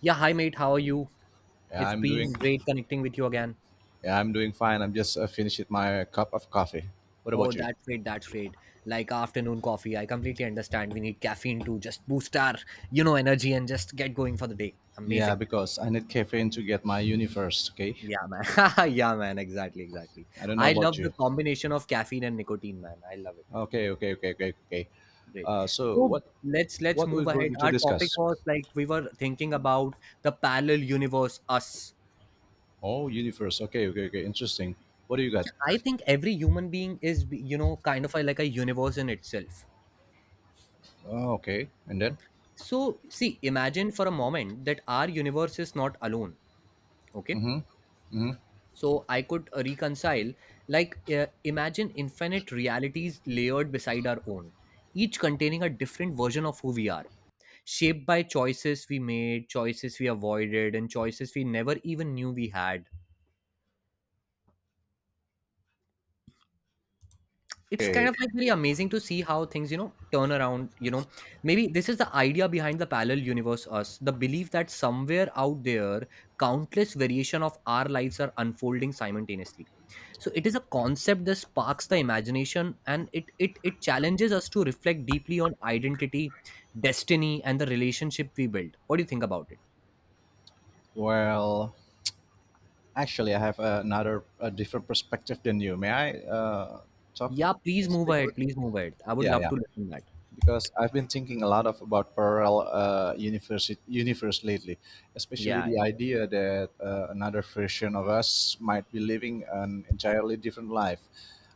Yeah, hi mate, how are you? Yeah, It's I'm doing. been great connecting with you again. Yeah, I'm doing fine. I'm just finishing my cup of coffee. What Oh, about you? that's great, that's great. Like afternoon coffee, I completely understand. We need caffeine to just boost our, energy and just get going for the day. Yeah, Amazing. because I need caffeine to get my uni first. Okay. Yeah, man. Yeah, man, exactly, exactly. I don't know I about love you. the combination of caffeine and nicotine, man. I love it. Okay, okay, okay, okay, okay. Great. So So let's what we're move ahead. going to Our topic discuss? was like we were thinking about the parallel universe, us. Oh, universe. Okay, okay, okay. Interesting. What do you got? Yeah, I think every human being is, you know, kind of a, like a universe in itself. Oh, okay. And then? So, see, imagine for a moment that our universe is not alone, okay? Mm-hmm. So, I could reconcile, like, imagine infinite realities layered beside our own, each containing a different version of who we are, shaped by choices we made, choices we avoided, and choices we never even knew we had. It's kind Okay. of like really amazing to see how things turn around. Maybe this is the idea behind the parallel universe us, the belief that somewhere out there countless variation of our lives are unfolding simultaneously. So it is a concept that sparks the imagination, and it challenges us to reflect deeply on identity, destiny and the relationship we build. What do you think about it? Well, actually, I have another a different perspective than you. May I talk Yeah, please move speak with? ahead, please move ahead, I would Yeah, love yeah. to listen that. Because I've been thinking a lot of about parallel universe lately, especially Yeah, the yeah. idea that another version of us might be living an entirely different life,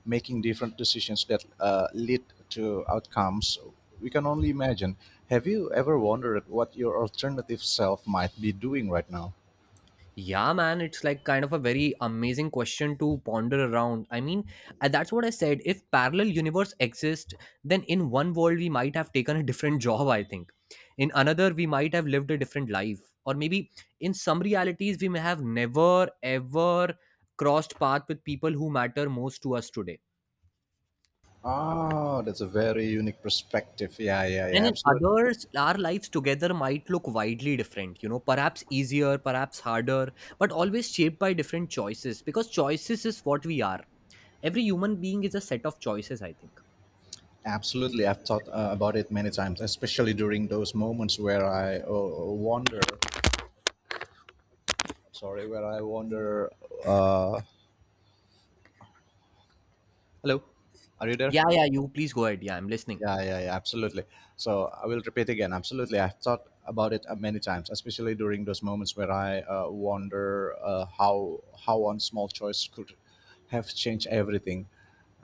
making different decisions that lead to outcomes we can only imagine. Have you ever wondered what your alternative self might be doing right now? Yeah, man, it's like kind of a very amazing question to ponder around. I mean, that's what I said. If parallel universe exist, then in one world we might have taken a different job, I think. In another we might have lived a different life. Or maybe in some realities we may have never ever crossed path with people who matter most to us today. Oh, that's a very unique perspective. Yeah, yeah, yeah, And in absolutely. others, our lives together might look widely different, you know, perhaps easier, perhaps harder, but always shaped by different choices, because choices is what we are. Every human being is a set of choices, I think. Absolutely, I've thought about it many times, especially during those moments where I wonder. Sorry, where I wonder. Uh, Hello, are you there? Yeah, yeah, you please go ahead. Yeah, I'm listening. Yeah, yeah, yeah, absolutely. So I will repeat again. Absolutely, I've thought about it many times, especially during those moments where I wonder how one small choice could have changed everything.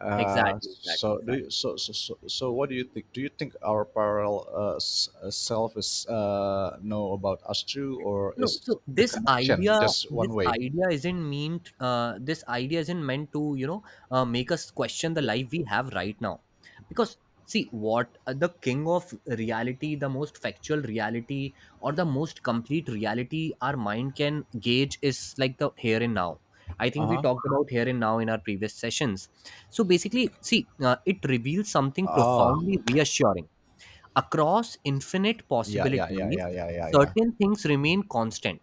Uh, Exactly, exactly, so do exactly. you, so what do you think? Do you think our parallel self is know about us too, or No, is so the connection just one this way? idea isn't meant. This idea isn't meant to, you know, make us question the life we have right now, because see what the king of reality, the most factual reality, or the most complete reality our mind can gauge is like the here and now. I Uh think we huh. talked about here and now in our previous sessions. So basically, see, it reveals something Oh, profoundly reassuring. Across infinite yeah, yeah, yeah, possibilities, yeah, yeah, yeah, yeah. certain things remain constant.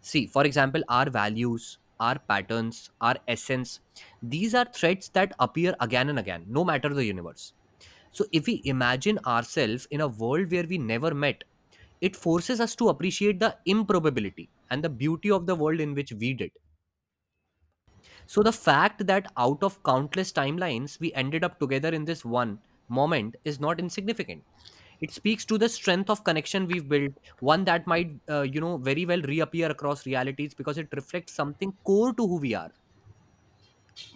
See, for example, our values, our patterns, our essence, these are threads that appear again and again, no matter the universe. So, if we imagine ourselves in a world where we never met, it forces us to appreciate the improbability and the beauty of the world in which we did. So the fact that out of countless timelines, we ended up together in this one moment is not insignificant. It speaks to the strength of connection we've built, one that might, you know, very well reappear across realities because it reflects something core to who we are.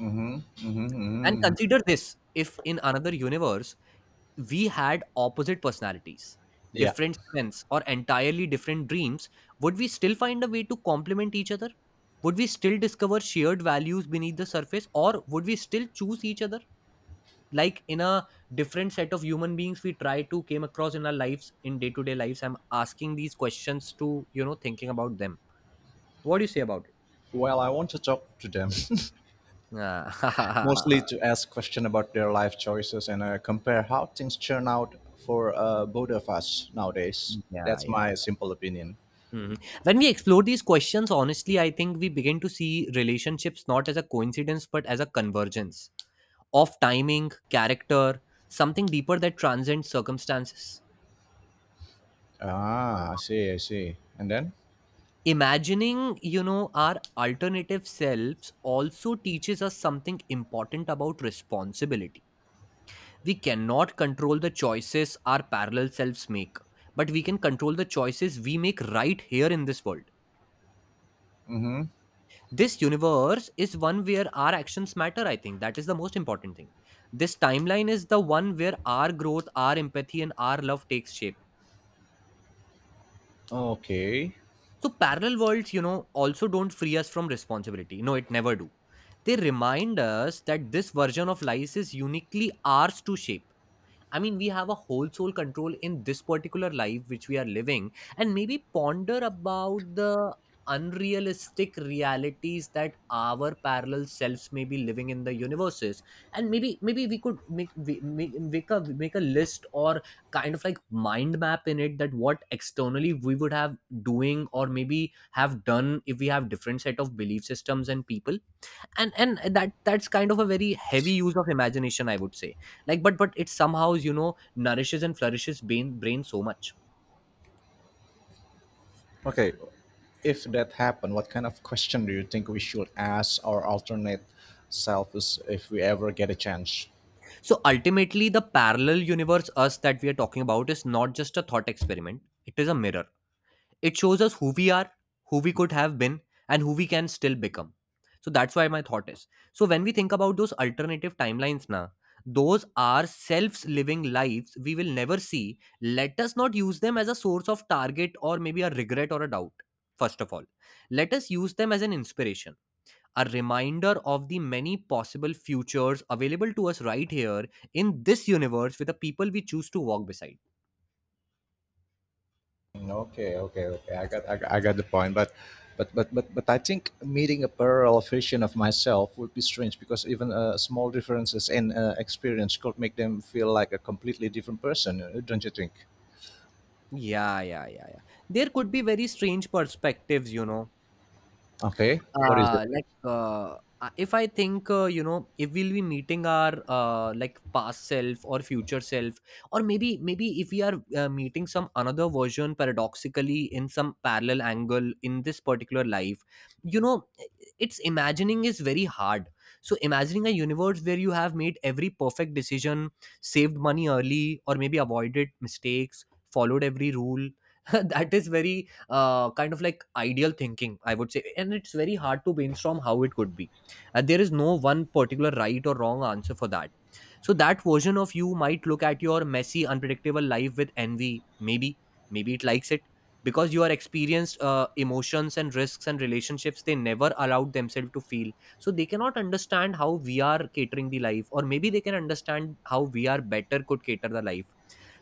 Mm-hmm, mm-hmm, And mm-hmm. consider this, if in another universe we had opposite personalities, Yeah. different strengths, or entirely different dreams, would we still find a way to complement each other? Would we still discover shared values beneath the surface, or would we still choose each other? Like in a different set of human beings we try to came across in our lives, in day to day lives. I'm asking these questions to, you know, thinking about them. What do you say about it? Well, I want to talk to them, mostly Ah, to ask questions about their life choices and compare how things turn out for both of us nowadays. yeah, That's my yeah. simple opinion. Mhm. When we explore these questions honestly, I think we begin to see relationships not as a coincidence but as a convergence of timing, character, something deeper that transcends circumstances. Ah, I see, I see. And then? Imagining, you know, our alternative selves also teaches us something important about responsibility. We cannot control the choices our parallel selves make, but we can control the choices we make right here in this world. Mm-hmm. This universe is one where our actions matter, I think that is the most important thing. This timeline is the one where our growth, our empathy and our love takes shape. Okay. So parallel worlds, you know, also don't free us from responsibility, no it never do. They remind us that this version of life is uniquely ours to shape. I mean, we have a whole soul control in this particular life which we are living, and maybe ponder about the unrealistic realities that our parallel selves may be living in the universes. And maybe maybe we could make we, make, make a make a list or kind of like mind map in it, that what externally we would have doing or maybe have done if we have different set of belief systems and people. And that's kind of a very heavy use of imagination, I would say. Like, but it somehow, you know, nourishes and flourishes brain so much. Okay. If that happened, what kind of question do you think we should ask our alternate self is if we ever get a chance? So ultimately the parallel universe us that we are talking about is not just a thought experiment, it is a mirror. It shows us who we are, who we could have been, and who we can still become. So that's why my thought is. So when we think about those alternative timelines now, those are selves living lives we will never see. Let us not use them as a source of target or maybe a regret or a doubt. First of all, let us use them as an inspiration, a reminder of the many possible futures available to us right here in this universe with the people we choose to walk beside. Okay, okay, okay. I got, I got, I got the point. But I think meeting a parallel version of myself would be strange because even small differences in experience could make them feel like a completely different person, don't you think? Yeah, yeah, yeah, yeah. There could be very strange perspectives, you know. Okay, what is it? Uh like uh uh, if i think, you know, if we'll be meeting our like past self or future self, or maybe maybe if we are meeting some another version paradoxically in some parallel angle in this particular life, you know, it's imagining is very hard. So imagining a universe where you have made every perfect decision, saved money early or maybe avoided mistakes, followed every rule, that is very kind of like ideal thinking, I would say. And it's very hard to brainstorm how it could be. And there is no one particular right or wrong answer for that. So that version of you might look at your messy, unpredictable life with envy. Maybe, maybe it likes it because you are experienced emotions and risks and relationships they never allowed themselves to feel. So they cannot understand how we are catering the life, or maybe they can understand how we are better could cater the life.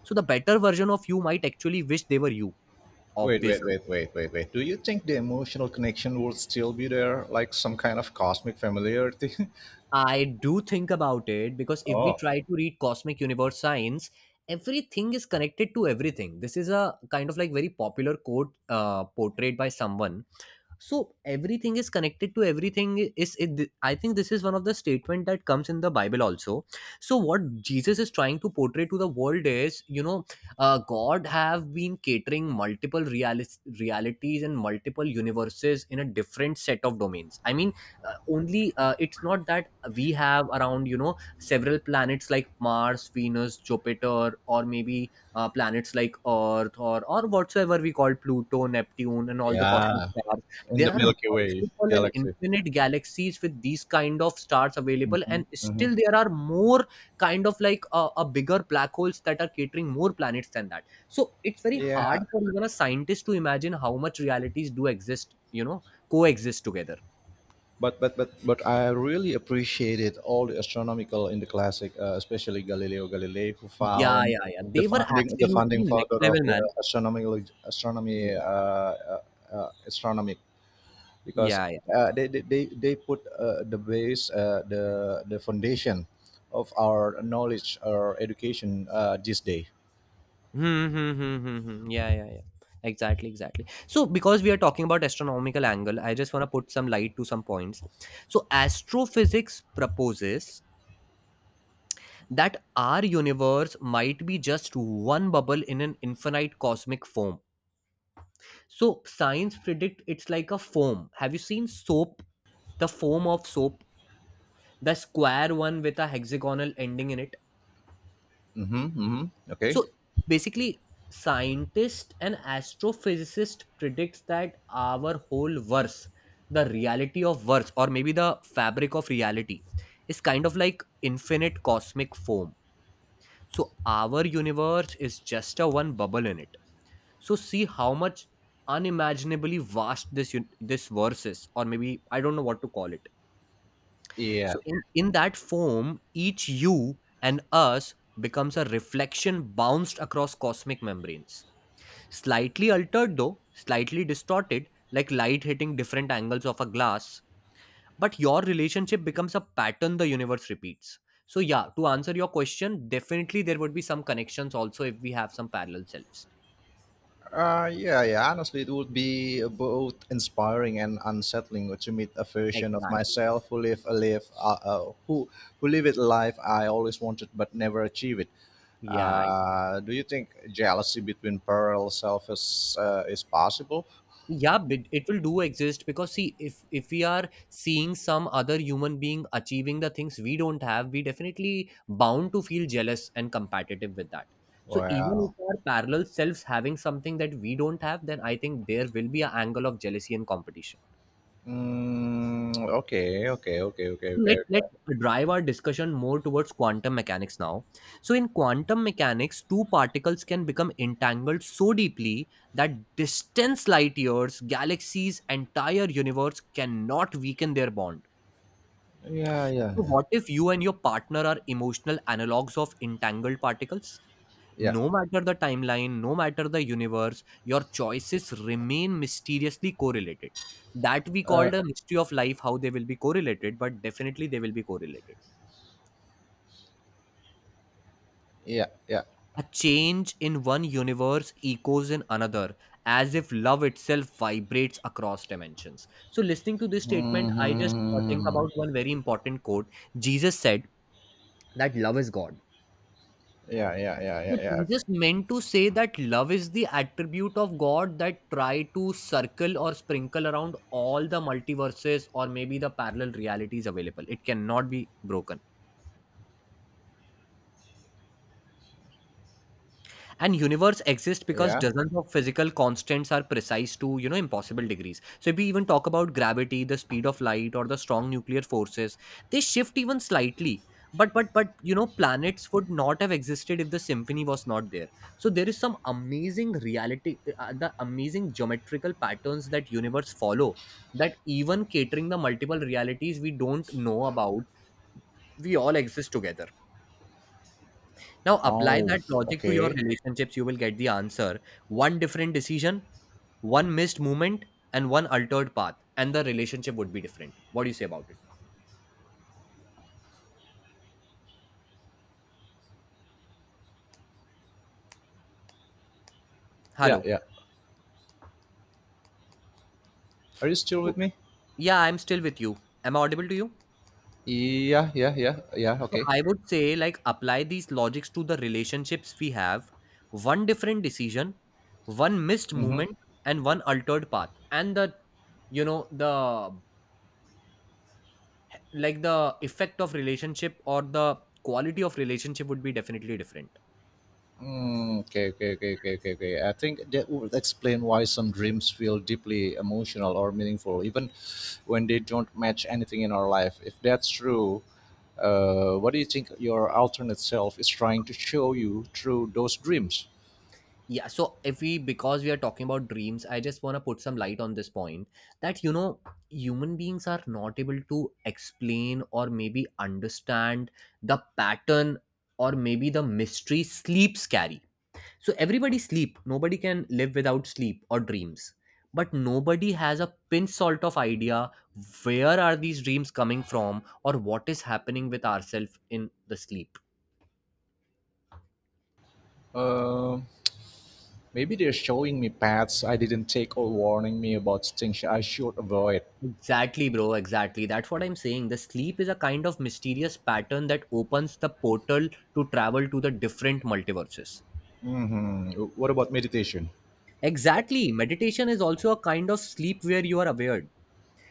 So the better version of you might actually wish they were you, Wait, wait, obviously. wait, wait, wait, wait. Do you think the emotional connection would still be there, like some kind of cosmic familiarity? I do think about it because if we Oh, try to read cosmic universe science, everything is connected to everything. This is a kind of like very popular quote portrayed by someone. So everything is connected to everything, is it, I think this is one of the statement that comes in the Bible also. So what Jesus is trying to portray to the world is, you know, God have been catering multiple realis realities and multiple universes in a different set of domains. I mean, only it's not that we have around, you know, several planets like Mars, Venus, Jupiter, or maybe planets like Earth or whatsoever we call Pluto, Neptune and all the cosmic yeah, stars. in There the are Milky Way multiple and galaxy. infinite galaxies with these kind of stars available, Hmm, and hmm. still there are more kind of like a bigger black holes that are catering more planets than that. So it's very hard Yeah, for even a scientist to imagine how much realities do exist, you know, coexist together. but I really appreciated all the astronomical in the classic, especially Galileo Galilei, who Yeah, found yeah, yeah, they were the absolutely founding next father of level, the man. astronomical Yeah, astronomy yeah, uh, astronomy because yeah. They put the base the foundation of our knowledge or education this day. Hmm, hmm, hmm, hmm, hmm. Yeah, yeah, yeah. Exactly, exactly. So, because we are talking about astronomical angle, I just want to put some light to some points. So, astrophysics proposes that our universe might be just one bubble in an infinite cosmic foam. So, science predict it's like a foam. Have you seen soap? The foam of soap, the square one with a hexagonal ending in it. Mm-hmm, mm-hmm. Okay. So basically, scientist and astrophysicist predicts that our whole verse, the reality of verse, or maybe the fabric of reality, is kind of like infinite cosmic foam. So our universe is just a one bubble in it. So see how much unimaginably vast this un- this verse is, or maybe I don't know what to call it. Yeah. So in that foam, each you and us becomes a reflection bounced across cosmic membranes. Slightly altered though, slightly distorted, like light hitting different angles of a glass. But your relationship becomes a pattern the universe repeats. So, yeah, to answer your question, definitely there would be some connections also if we have some parallel selves. Yeah, yeah. Honestly, it would be both inspiring and unsettling to meet a version of Exactly. myself who live a life, who lived a life I always wanted but never achieved it. Yeah, Do you think jealousy between parallel selves is possible? yeah but it will do exist because see if we are seeing some other human being achieving the things we don't have we definitely bound to feel jealous and competitive with that so even Well, if our parallel selves having something that we don't have then I think there will be an angle of jealousy and competition. mm, okay, okay, okay, okay, okay. Let's drive our discussion more towards quantum mechanics now. So in quantum mechanics, two particles can become entangled so deeply that distance light years, galaxies, entire universe cannot weaken their bond. Yeah, yeah, So yeah, what if you and your partner are emotional analogs of entangled particles? yeah. No matter the timeline, no matter the universe, your choices remain mysteriously correlated. That we Uh, called a mystery of life, how they will be correlated, but definitely they will be correlated. yeah, yeah. A change in one universe echoes in another, as if love itself vibrates across dimensions. So, listening to this statement, I just think Hmm. about one very important quote. Jesus said that love is God. Yeah, yeah, yeah, So, yeah, yeah, Jesus meant to say that love is the attribute of God that try to circle or sprinkle around all the multiverses or maybe the parallel realities available. It cannot be broken and universe exists because yeah. dozens of physical constants are precise to you know impossible degrees. So if we even talk about gravity, the speed of light, or the strong nuclear forces, they shift even slightly, but you know planets would not have existed if the symphony was not there. So there is some amazing reality, the amazing geometrical patterns that universe follow, that even catering the multiple realities we don't know about, we all exist together. Now apply Oh, that logic to your okay. relationships, you will get the answer. One different decision, one missed movement, and one altered path, and the relationship would be different. What do you say about it? Yeah, Hello. yeah. Are you still with Oh, me? yeah, I'm still with you. Am I audible to you? Yeah, yeah, yeah, yeah. So Okay. I would say, like, apply these logics to the relationships we have. One different decision, one missed Mm-hmm. movement, and one altered path, and the you know the like the effect of relationship or the quality of relationship would be definitely different. Mm, okay, okay, okay, okay, okay, okay. I think that would explain why some dreams feel deeply emotional or meaningful, even when they don't match anything in our life. If that's true, what do you think your alternate self is trying to show you through those dreams? Yeah, so if we because we are talking about dreams, I just want to put some light on this point that you know human beings are not able to explain or maybe understand the pattern or maybe the mystery sleeps carry. So everybody sleep, nobody can live without sleep or dreams. But nobody has a pin salt of idea where are these dreams coming from or what is happening with ourselves in the sleep. Um, Maybe they're showing me paths I didn't take or warning me about things I should avoid. Exactly, bro. Exactly. That's what I'm saying. The sleep is a kind of mysterious pattern that opens the portal to travel to the different multiverses. Mm-hmm. What about meditation? Exactly. Meditation is also a kind of sleep where you are aware.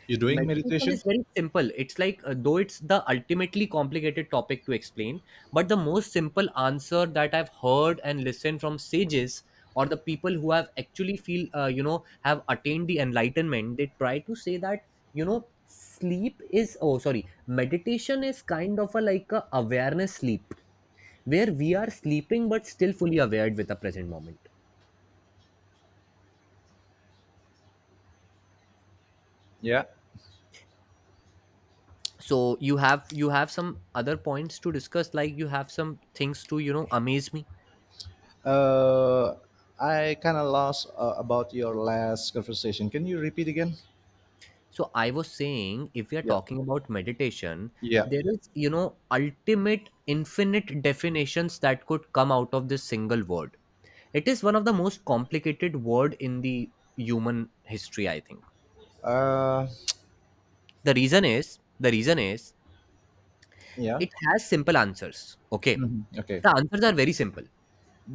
You doing Meditation meditation? is very simple. It's like, though it's the ultimately complicated topic to explain, but the most simple answer that I've heard and listened from sages or the people who have actually feel, you know, have attained the enlightenment, they try to say that, you know, sleep is, oh, sorry, meditation is kind of a like a awareness sleep where we are sleeping but still fully aware with the present moment. Yeah. So you have some other points to discuss, like you have some things to, you know, amaze me. Uh, I kind of lost about your last conversation. Can you repeat again? So I was saying, if we are Yeah. talking about meditation, Yeah. there is, you know, ultimate infinite definitions that could come out of this single word. It is one of the most complicated word in the human history, I think. Uh, The reason is yeah. it has simple answers. Okay. Mhm. Okay. The answers are very simple,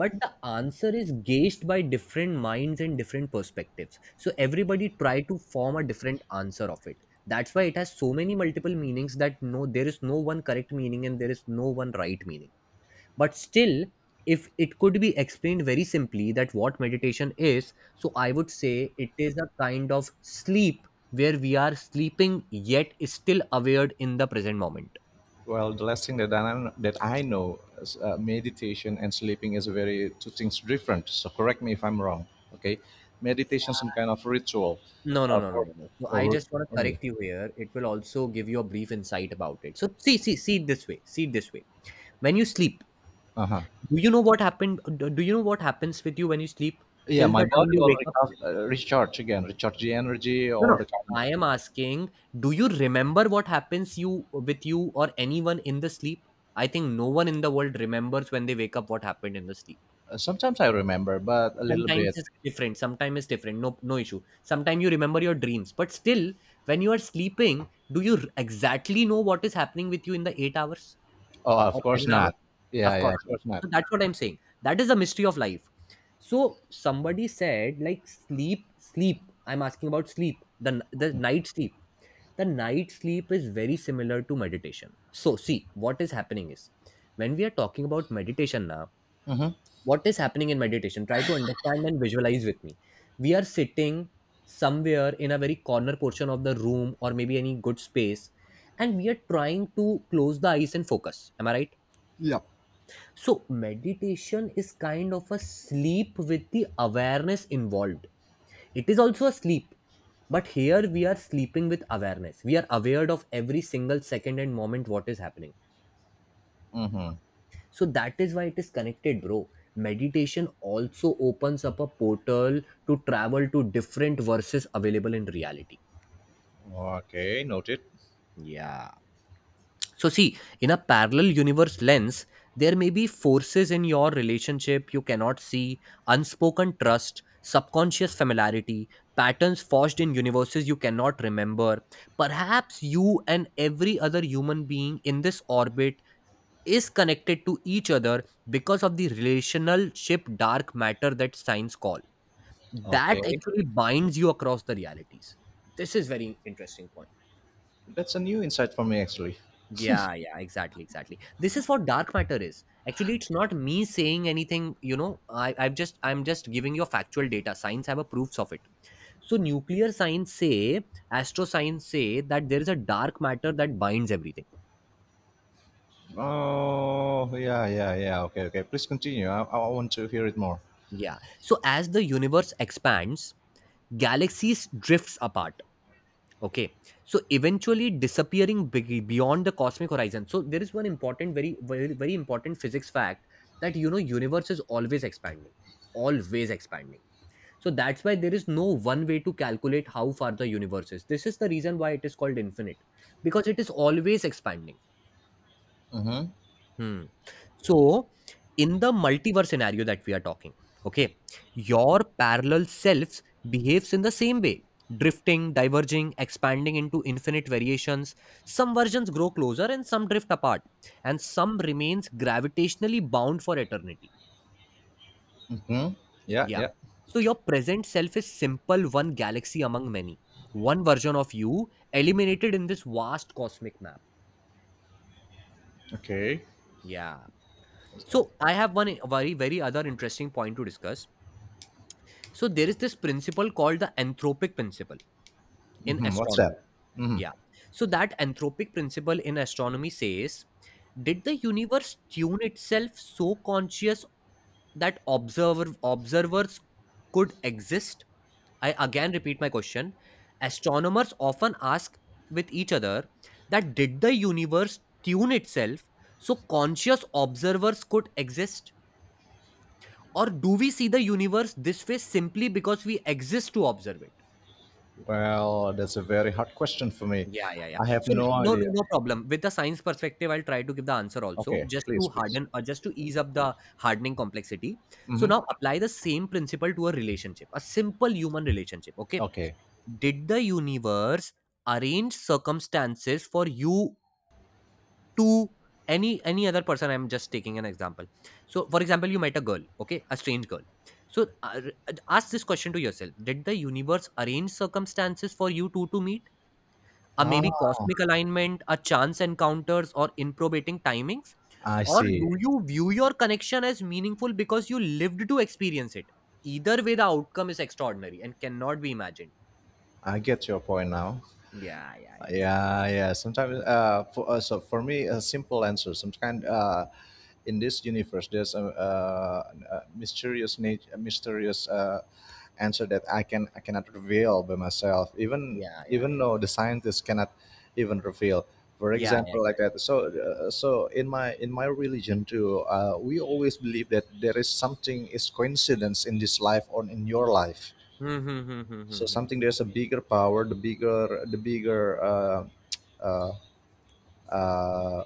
but the answer is gauged by different minds and different perspectives so everybody try to form a different answer of it. That's why it has so many multiple meanings that no there is no one correct meaning and there is no one right meaning, but still if it could be explained very simply that what meditation is, so I would say it is a kind of sleep where we are sleeping yet still aware in the present moment. Well, the last thing that I know is meditation and sleeping is very two things different. So correct me if I'm wrong. Okay. Meditation, some kind of ritual No, no, no, no, for no, no. So I over. just want to Over. correct you here. It will also give you a brief insight about it. So see, see it this way. See it this way. When you sleep, Uh-huh. do you know what happened? Do you know what happens with you when you sleep Yeah, till my the time body you will wake up? Recharge again, recharge the energy No, or no. the kind I of. am asking, do you remember what happens you with you or anyone in the sleep? I think no one in the world remembers when they wake up what happened in the sleep. Sometimes I remember, but a little sometimes bit. it's different sometimes it's different no no issue. Sometimes you remember your dreams but still when you are sleeping do you r- exactly know what is happening with you in the 8 hours Oh, of or course 7 hours? not. Yeah, Of yeah, course of not. course not. So that's what I'm saying, that is a mystery of life. So somebody said like sleep sleep, I'm asking about sleep, the night sleep. The night sleep is very similar to meditation. So see, what is happening is when we are talking about meditation now, Mm-hmm. what is happening in meditation, try to understand and visualize with me. We are sitting somewhere in a very corner portion of the room or maybe any good space, and we are trying to close the eyes and focus, am I right? So meditation is kind of a sleep with the awareness involved. It is also a sleep, but here we are sleeping with awareness, we are aware of every single second and moment what is happening. Mm-hmm. So that is why it is connected, bro. Meditation also opens up a portal to travel to different verses available in reality. Okay, noted. Yeah. So, see, in a parallel universe lens, there may be forces in your relationship you cannot see, unspoken trust, subconscious familiarity, patterns forged in universes you cannot remember. Perhaps you and every other human being in this orbit is connected to each other because of the relationship dark matter that science call, that Okay, actually binds you across the realities. This is very interesting point. that's a new insight for me actually. Yeah, yeah, exactly, exactly. This is what dark matter is. Actually, it's not me saying anything, you know. I'm just giving you factual data. Science have a proofs of it. So nuclear science say, astro science say that there is a dark matter that binds everything. Oh, yeah, yeah, yeah. Okay, okay. Please continue. I want to hear it more. Yeah. So as the universe expands, galaxies drifts apart. Okay, so eventually disappearing beyond the cosmic horizon. So there is one important, very, very, very important physics fact that you know universe is always expanding, always expanding. So that's why there is no one way to calculate how far the universe is. This is the reason why it is called infinite, because it is always expanding. Mm-hmm. Hmm. So, in the multiverse scenario that we are talking, okay, your parallel selves behaves in the same way, drifting, diverging, expanding into infinite variations. Some versions grow closer and some drift apart, and some remains gravitationally bound for eternity. Mm-hmm. Yeah, Yeah. yeah. So your present self is simple one galaxy among many. One version of you eliminated in this vast cosmic map. Okay. Yeah. So I have one very very other interesting point to discuss. So there is this principle called the anthropic principle in Mm-hmm. What's astronomy. that? Mm-hmm. Yeah. So that anthropic principle in astronomy says, did the universe tune itself so conscious that observers could exist? I again repeat my question. Astronomers often ask with each other that did the universe tune itself so conscious observers could exist? Or do we see the universe this way simply because we exist to observe it? Well, that's a very hard question for me. Yeah, yeah, yeah. I have So no no, no, idea. no problem. With the science perspective, I'll try to give the answer also, Okay, just please, to please. harden or just to ease up the hardening complexity. So Mm-hmm. now apply the same principle to a relationship, a simple human relationship. Okay. Okay. Did the universe arrange circumstances for you to any other person? I'm just taking an example. So for example, you met a girl, okay, a strange girl. So ask this question to yourself: did the universe arrange circumstances for you two to meet? Or maybe Ah, cosmic alignment, or chance encounters, or improbating timings? I Or see. do you view your connection as meaningful because you lived to experience it? Either way, the outcome is extraordinary and cannot be imagined. I get your point now. Yeah, yeah, yeah, exactly. Yeah, yeah. Sometimes, for so for me, a simple answer. Sometimes, in this universe, there's a, a mysterious, a mysterious answer that I cannot reveal by myself. Even Yeah, yeah, even yeah. though the scientists cannot even reveal. For Yeah, yeah. example, like that. So, so in my religion too, we always believe that there is something is coincidence in this life or in your life, Hmm, hmm, hmm, hmm, hmm, so hmm. something there's a bigger power, the bigger uh, uh,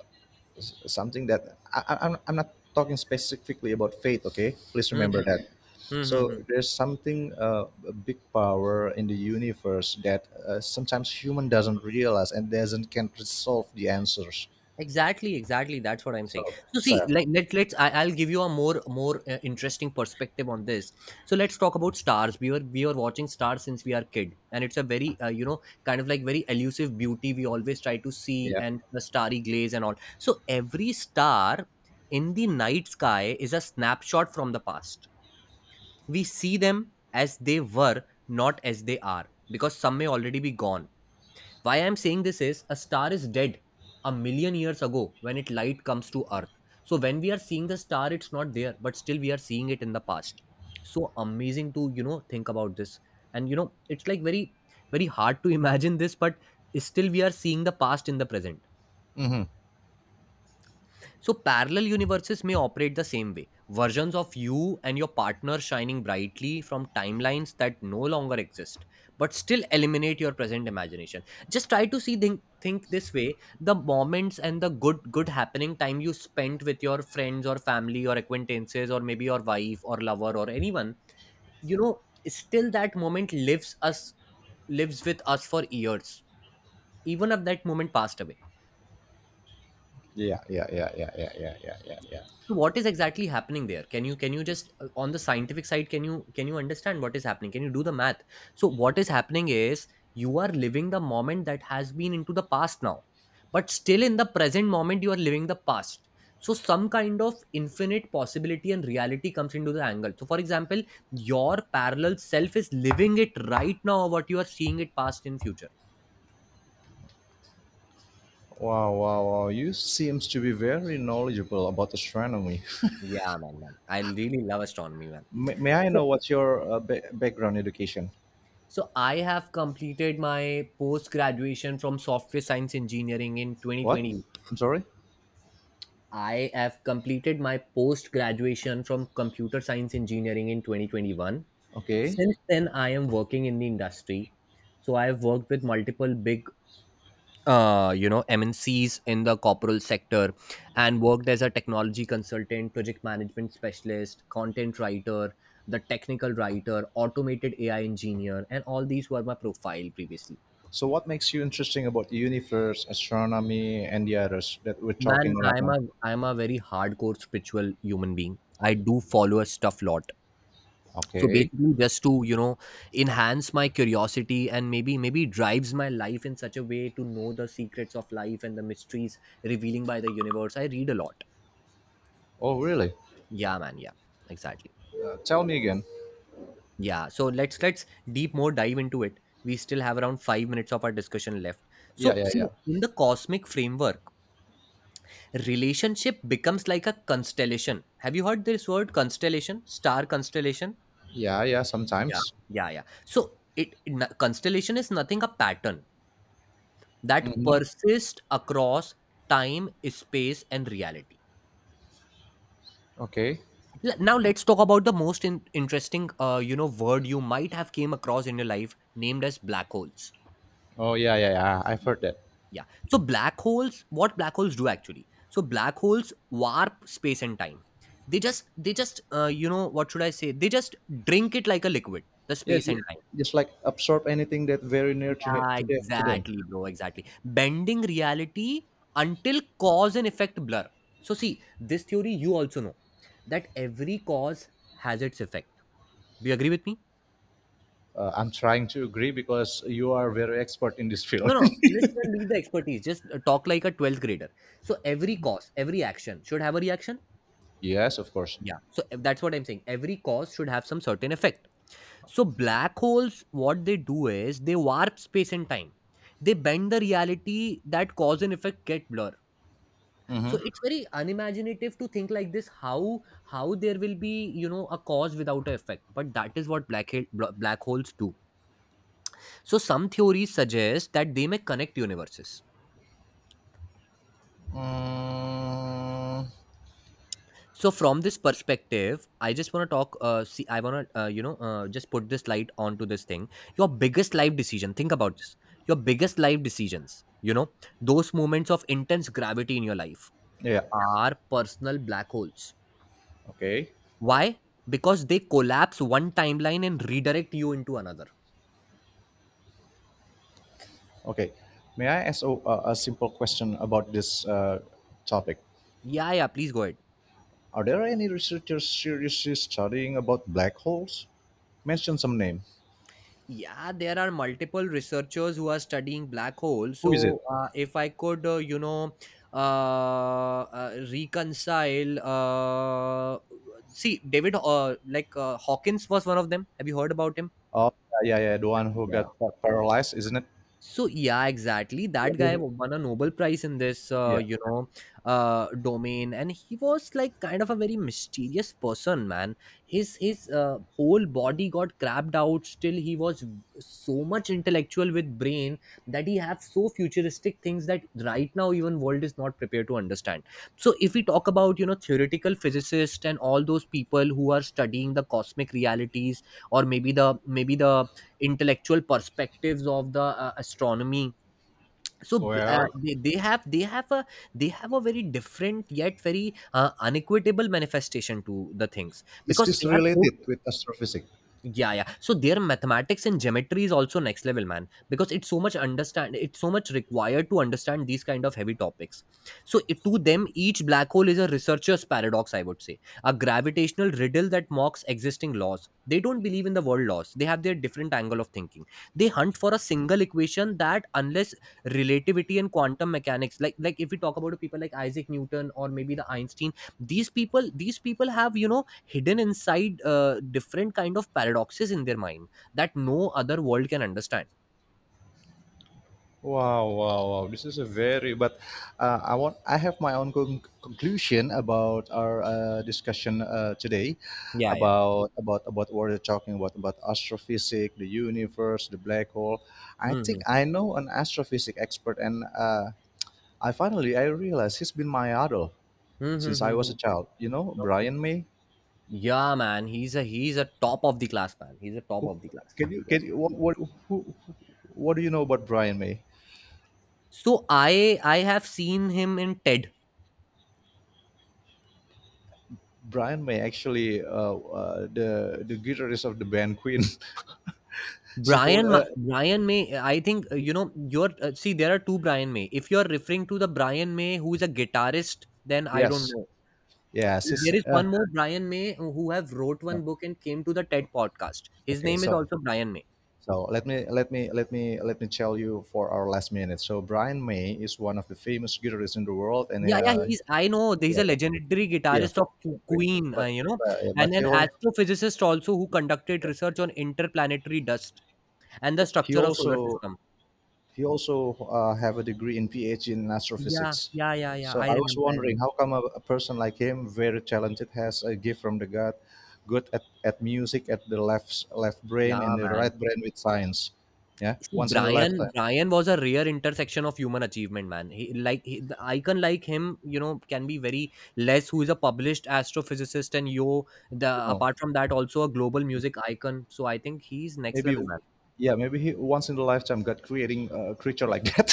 something that I'm not talking specifically about faith, okay, please Hmm, remember hmm, that. hmm, hmm, So hmm. there's something a big power in the universe that sometimes human doesn't realize and doesn't can resolve the answers. Exactly, exactly. That's what I'm saying. So So see, so, like let's I'll give you a more interesting perspective on this. So let's talk about stars. We were watching stars since we are kid, and it's a very kind of like very elusive beauty we always try to see, yeah. and the starry glaze and all. So every star in the night sky is a snapshot from the past. We see them as they were, not as they are, because some may already be gone. Why I'm saying this is a star is dead a million years ago when it light comes to earth. So when we are seeing the star, it's not there, but still we are seeing it in the past. So amazing to, think about this. And it's like very, very hard to imagine this, but still we are seeing the past in the present. Hmm. So, parallel universes may operate the same way, versions of you and your partner shining brightly from timelines that no longer exist, but still eliminate your present imagination. Just try to see, think this way the moments and the good happening time you spent with your friends or family or acquaintances or maybe your wife or lover or anyone, you know, still that moment lives us, lives with us for years, even if that moment passed away. Yeah, yeah, yeah, yeah, yeah, yeah, yeah, yeah, yeah. So what is exactly happening there? Can you just on the scientific side can you understand what is happening? Can you do the math? So what is happening is you are living the moment that has been into the past now. But still in the present moment you are living the past. So some kind of infinite possibility and reality comes into the angle. So for example, your parallel self is living it right now what you are seeing it past in future. Wow, wow, wow, you seems to be very knowledgeable about astronomy. Yeah, man. I really love astronomy, man. May I know what's your background education? So I have completed my post graduation from software science engineering in What? 2020. I'm sorry? I have completed my post graduation from computer science engineering in 2021. Okay. Since then I am working in the industry. So I have worked with multiple big MNCs in the corporal sector and worked as a technology consultant, project management specialist, content writer, the technical writer, automated AI engineer and all these were my profile previously. So, what makes you interesting about the universe, astronomy, and the others that we're Man, talking about I'm now? a I'm a very hardcore spiritual human being. I do follow a stuff lot. So Okay. basically, just to enhance my curiosity and maybe drives my life in such a way to know the secrets of life and the mysteries revealing by the universe. I read a lot. Oh, really? Yeah, man. Yeah, exactly. Tell me again. Yeah. So let's deep more dive into it. We still have around 5 minutes of our discussion left. Yeah, So yeah, see yeah. in the cosmic framework relationship becomes like a constellation. Have you heard this word constellation? Star constellation? Yeah, yeah, Yeah, sometimes. yeah, yeah. So constellation is nothing a pattern that Mm-hmm. persists across time, space, and reality. Okay. Now let's talk about the most interesting, word you might have came across in your life, named as black holes. Oh, yeah, yeah, yeah. I've heard that. Yeah. So black holes, what black holes do actually? So black holes warp space and time. They just, what should I say? They just drink it like a liquid, the Yeah, space and time. just like absorb anything that very near to, Yeah, to them. exactly, bro. Exactly. Bending reality until cause and effect blur. So see, this theory you also know that every cause has its effect. Do you agree with me? I'm trying to agree because you are very expert in this field. No, no. Let's not leave the expertise. Just talk like a 12th grader. So every cause, every action should have a reaction. Yes, of course. Yeah. So that's what I'm saying. Every cause should have some certain effect. So black holes, what they do is they warp space and time. They bend the reality that cause and effect get blur. Mm-hmm. So it's very unimaginative to think like this. How there will be a cause without an effect, but that is what black holes do. So some theories suggest that they may connect universes. Mm. So from this perspective I just want to talk, see I want to just put this light onto this thing. Your biggest life decision, think about this, your biggest life decisions, those moments of intense gravity in your life Yeah. are personal black holes. Okay. Why? Because they collapse one timeline and redirect you into another. Okay. May I ask a, a simple question about this topic? Yeah, yeah, please go ahead. Are there any researchers seriously studying about black holes? Mention some name. Yeah, there are multiple researchers who are studying black holes. Who is it? So, if I could, reconcile. See, David, like Hawkins was one of them. Have you heard about him? Oh, yeah, yeah, yeah, the one who got paralyzed, isn't it? So yeah, exactly. Yeah. Won a Nobel Prize in this, Yeah. Domain, and he was like kind of a very mysterious person, man. His whole body got crapped out. Still, so much intellectual with brain that he have so futuristic things that right now even world is not prepared to understand. So if we talk about theoretical physicists and all those people who are studying the cosmic realities, or maybe the intellectual perspectives of the astronomy, so uh, Well, they, they have they have a they have a very different yet very unequitable manifestation to the things, is because this they are so, related with astrophysics? yeah, yeah. So their mathematics and geometry is also next level, man, because it's so much understand, it's so much required to understand these kind of heavy topics. So it, to them, each black hole is a researcher's paradox, I would say, a gravitational riddle that mocks existing laws. They don't believe in the world laws. They have their different angle of thinking. They hunt for a single equation that, unless relativity and quantum mechanics, like if we talk about people like Isaac Newton or maybe the Einstein, these people have hidden inside different kind of paradoxes in their mind that no other world can understand. Wow, wow, wow. This is a very, but I have my own conclusion about our discussion today Yeah, yeah. About what we're talking about astrophysics, the universe, the black hole. I think Mm-hmm. I know an astrophysics expert and I finally, I realized he's been my idol since Mm-hmm, I was mm-hmm. a child. You know, Okay. Brian May? Yeah, man, he's a, he's a top of the class, man, he's a top Who, of the class. Yeah, can you, what, what do you know about Brian May? so I have seen him in TED. Brian May actually the guitarist of the band Queen. She hold Brian May, I think, you're see, there are two Brian May. If you're referring to the Brian May who is a guitarist, then I don't yes, know. yes, she's There is one more Brian May who have wrote no. one book and came to the TED podcast. His Okay, name is so also Brian May. so let me tell you for our last minute. So Brian May is one of the famous guitarists in the world, and Yeah, yeah, he's, I know he's yeah a yeah legendary yeah, guitarist of from Queen. Queen, But uh, yeah, but and he an al- astrophysicist also who conducted research on interplanetary dust and the yeah, he structure of solar also, system. he also have a degree in PhD in Yeah, astrophysics. yeah, yeah, yeah. So I I was remember, I wondering, remember. how come a person like him, very talented, has a gift from the God, good at music at the left left brain and Yeah, the man. right brain with science, yeah, See, once in a lifetime. Brian was a rare intersection of human achievement, man. He like he, the icon like him, can be very less. Who is a published astrophysicist and yo, the You know. apart from that, also a global music icon. So I think he's next Maybe level, man. yeah, maybe he once in a lifetime god creating a creature like that.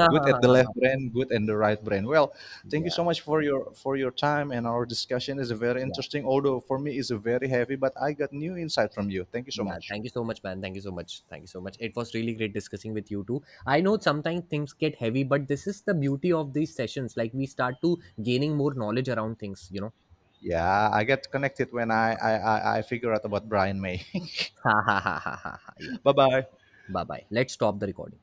Good at the left brain, good at the right brain. Well, thank you Yeah, so much for your time, and our discussion is very yeah, interesting, although for me it's very heavy, but I got new insight from you, thank you so yeah. much. Thank you so much, man. Thank you so much. Thank you so much. It was really great discussing with you too. I know sometimes things get heavy, but this is the beauty of these sessions. Like we start to gaining more knowledge around things, Yeah, I get connected when I figure out about Brian May. Ha ha ha ha ha. Ha. Yeah. Bye bye. Bye bye. Let's stop the recording.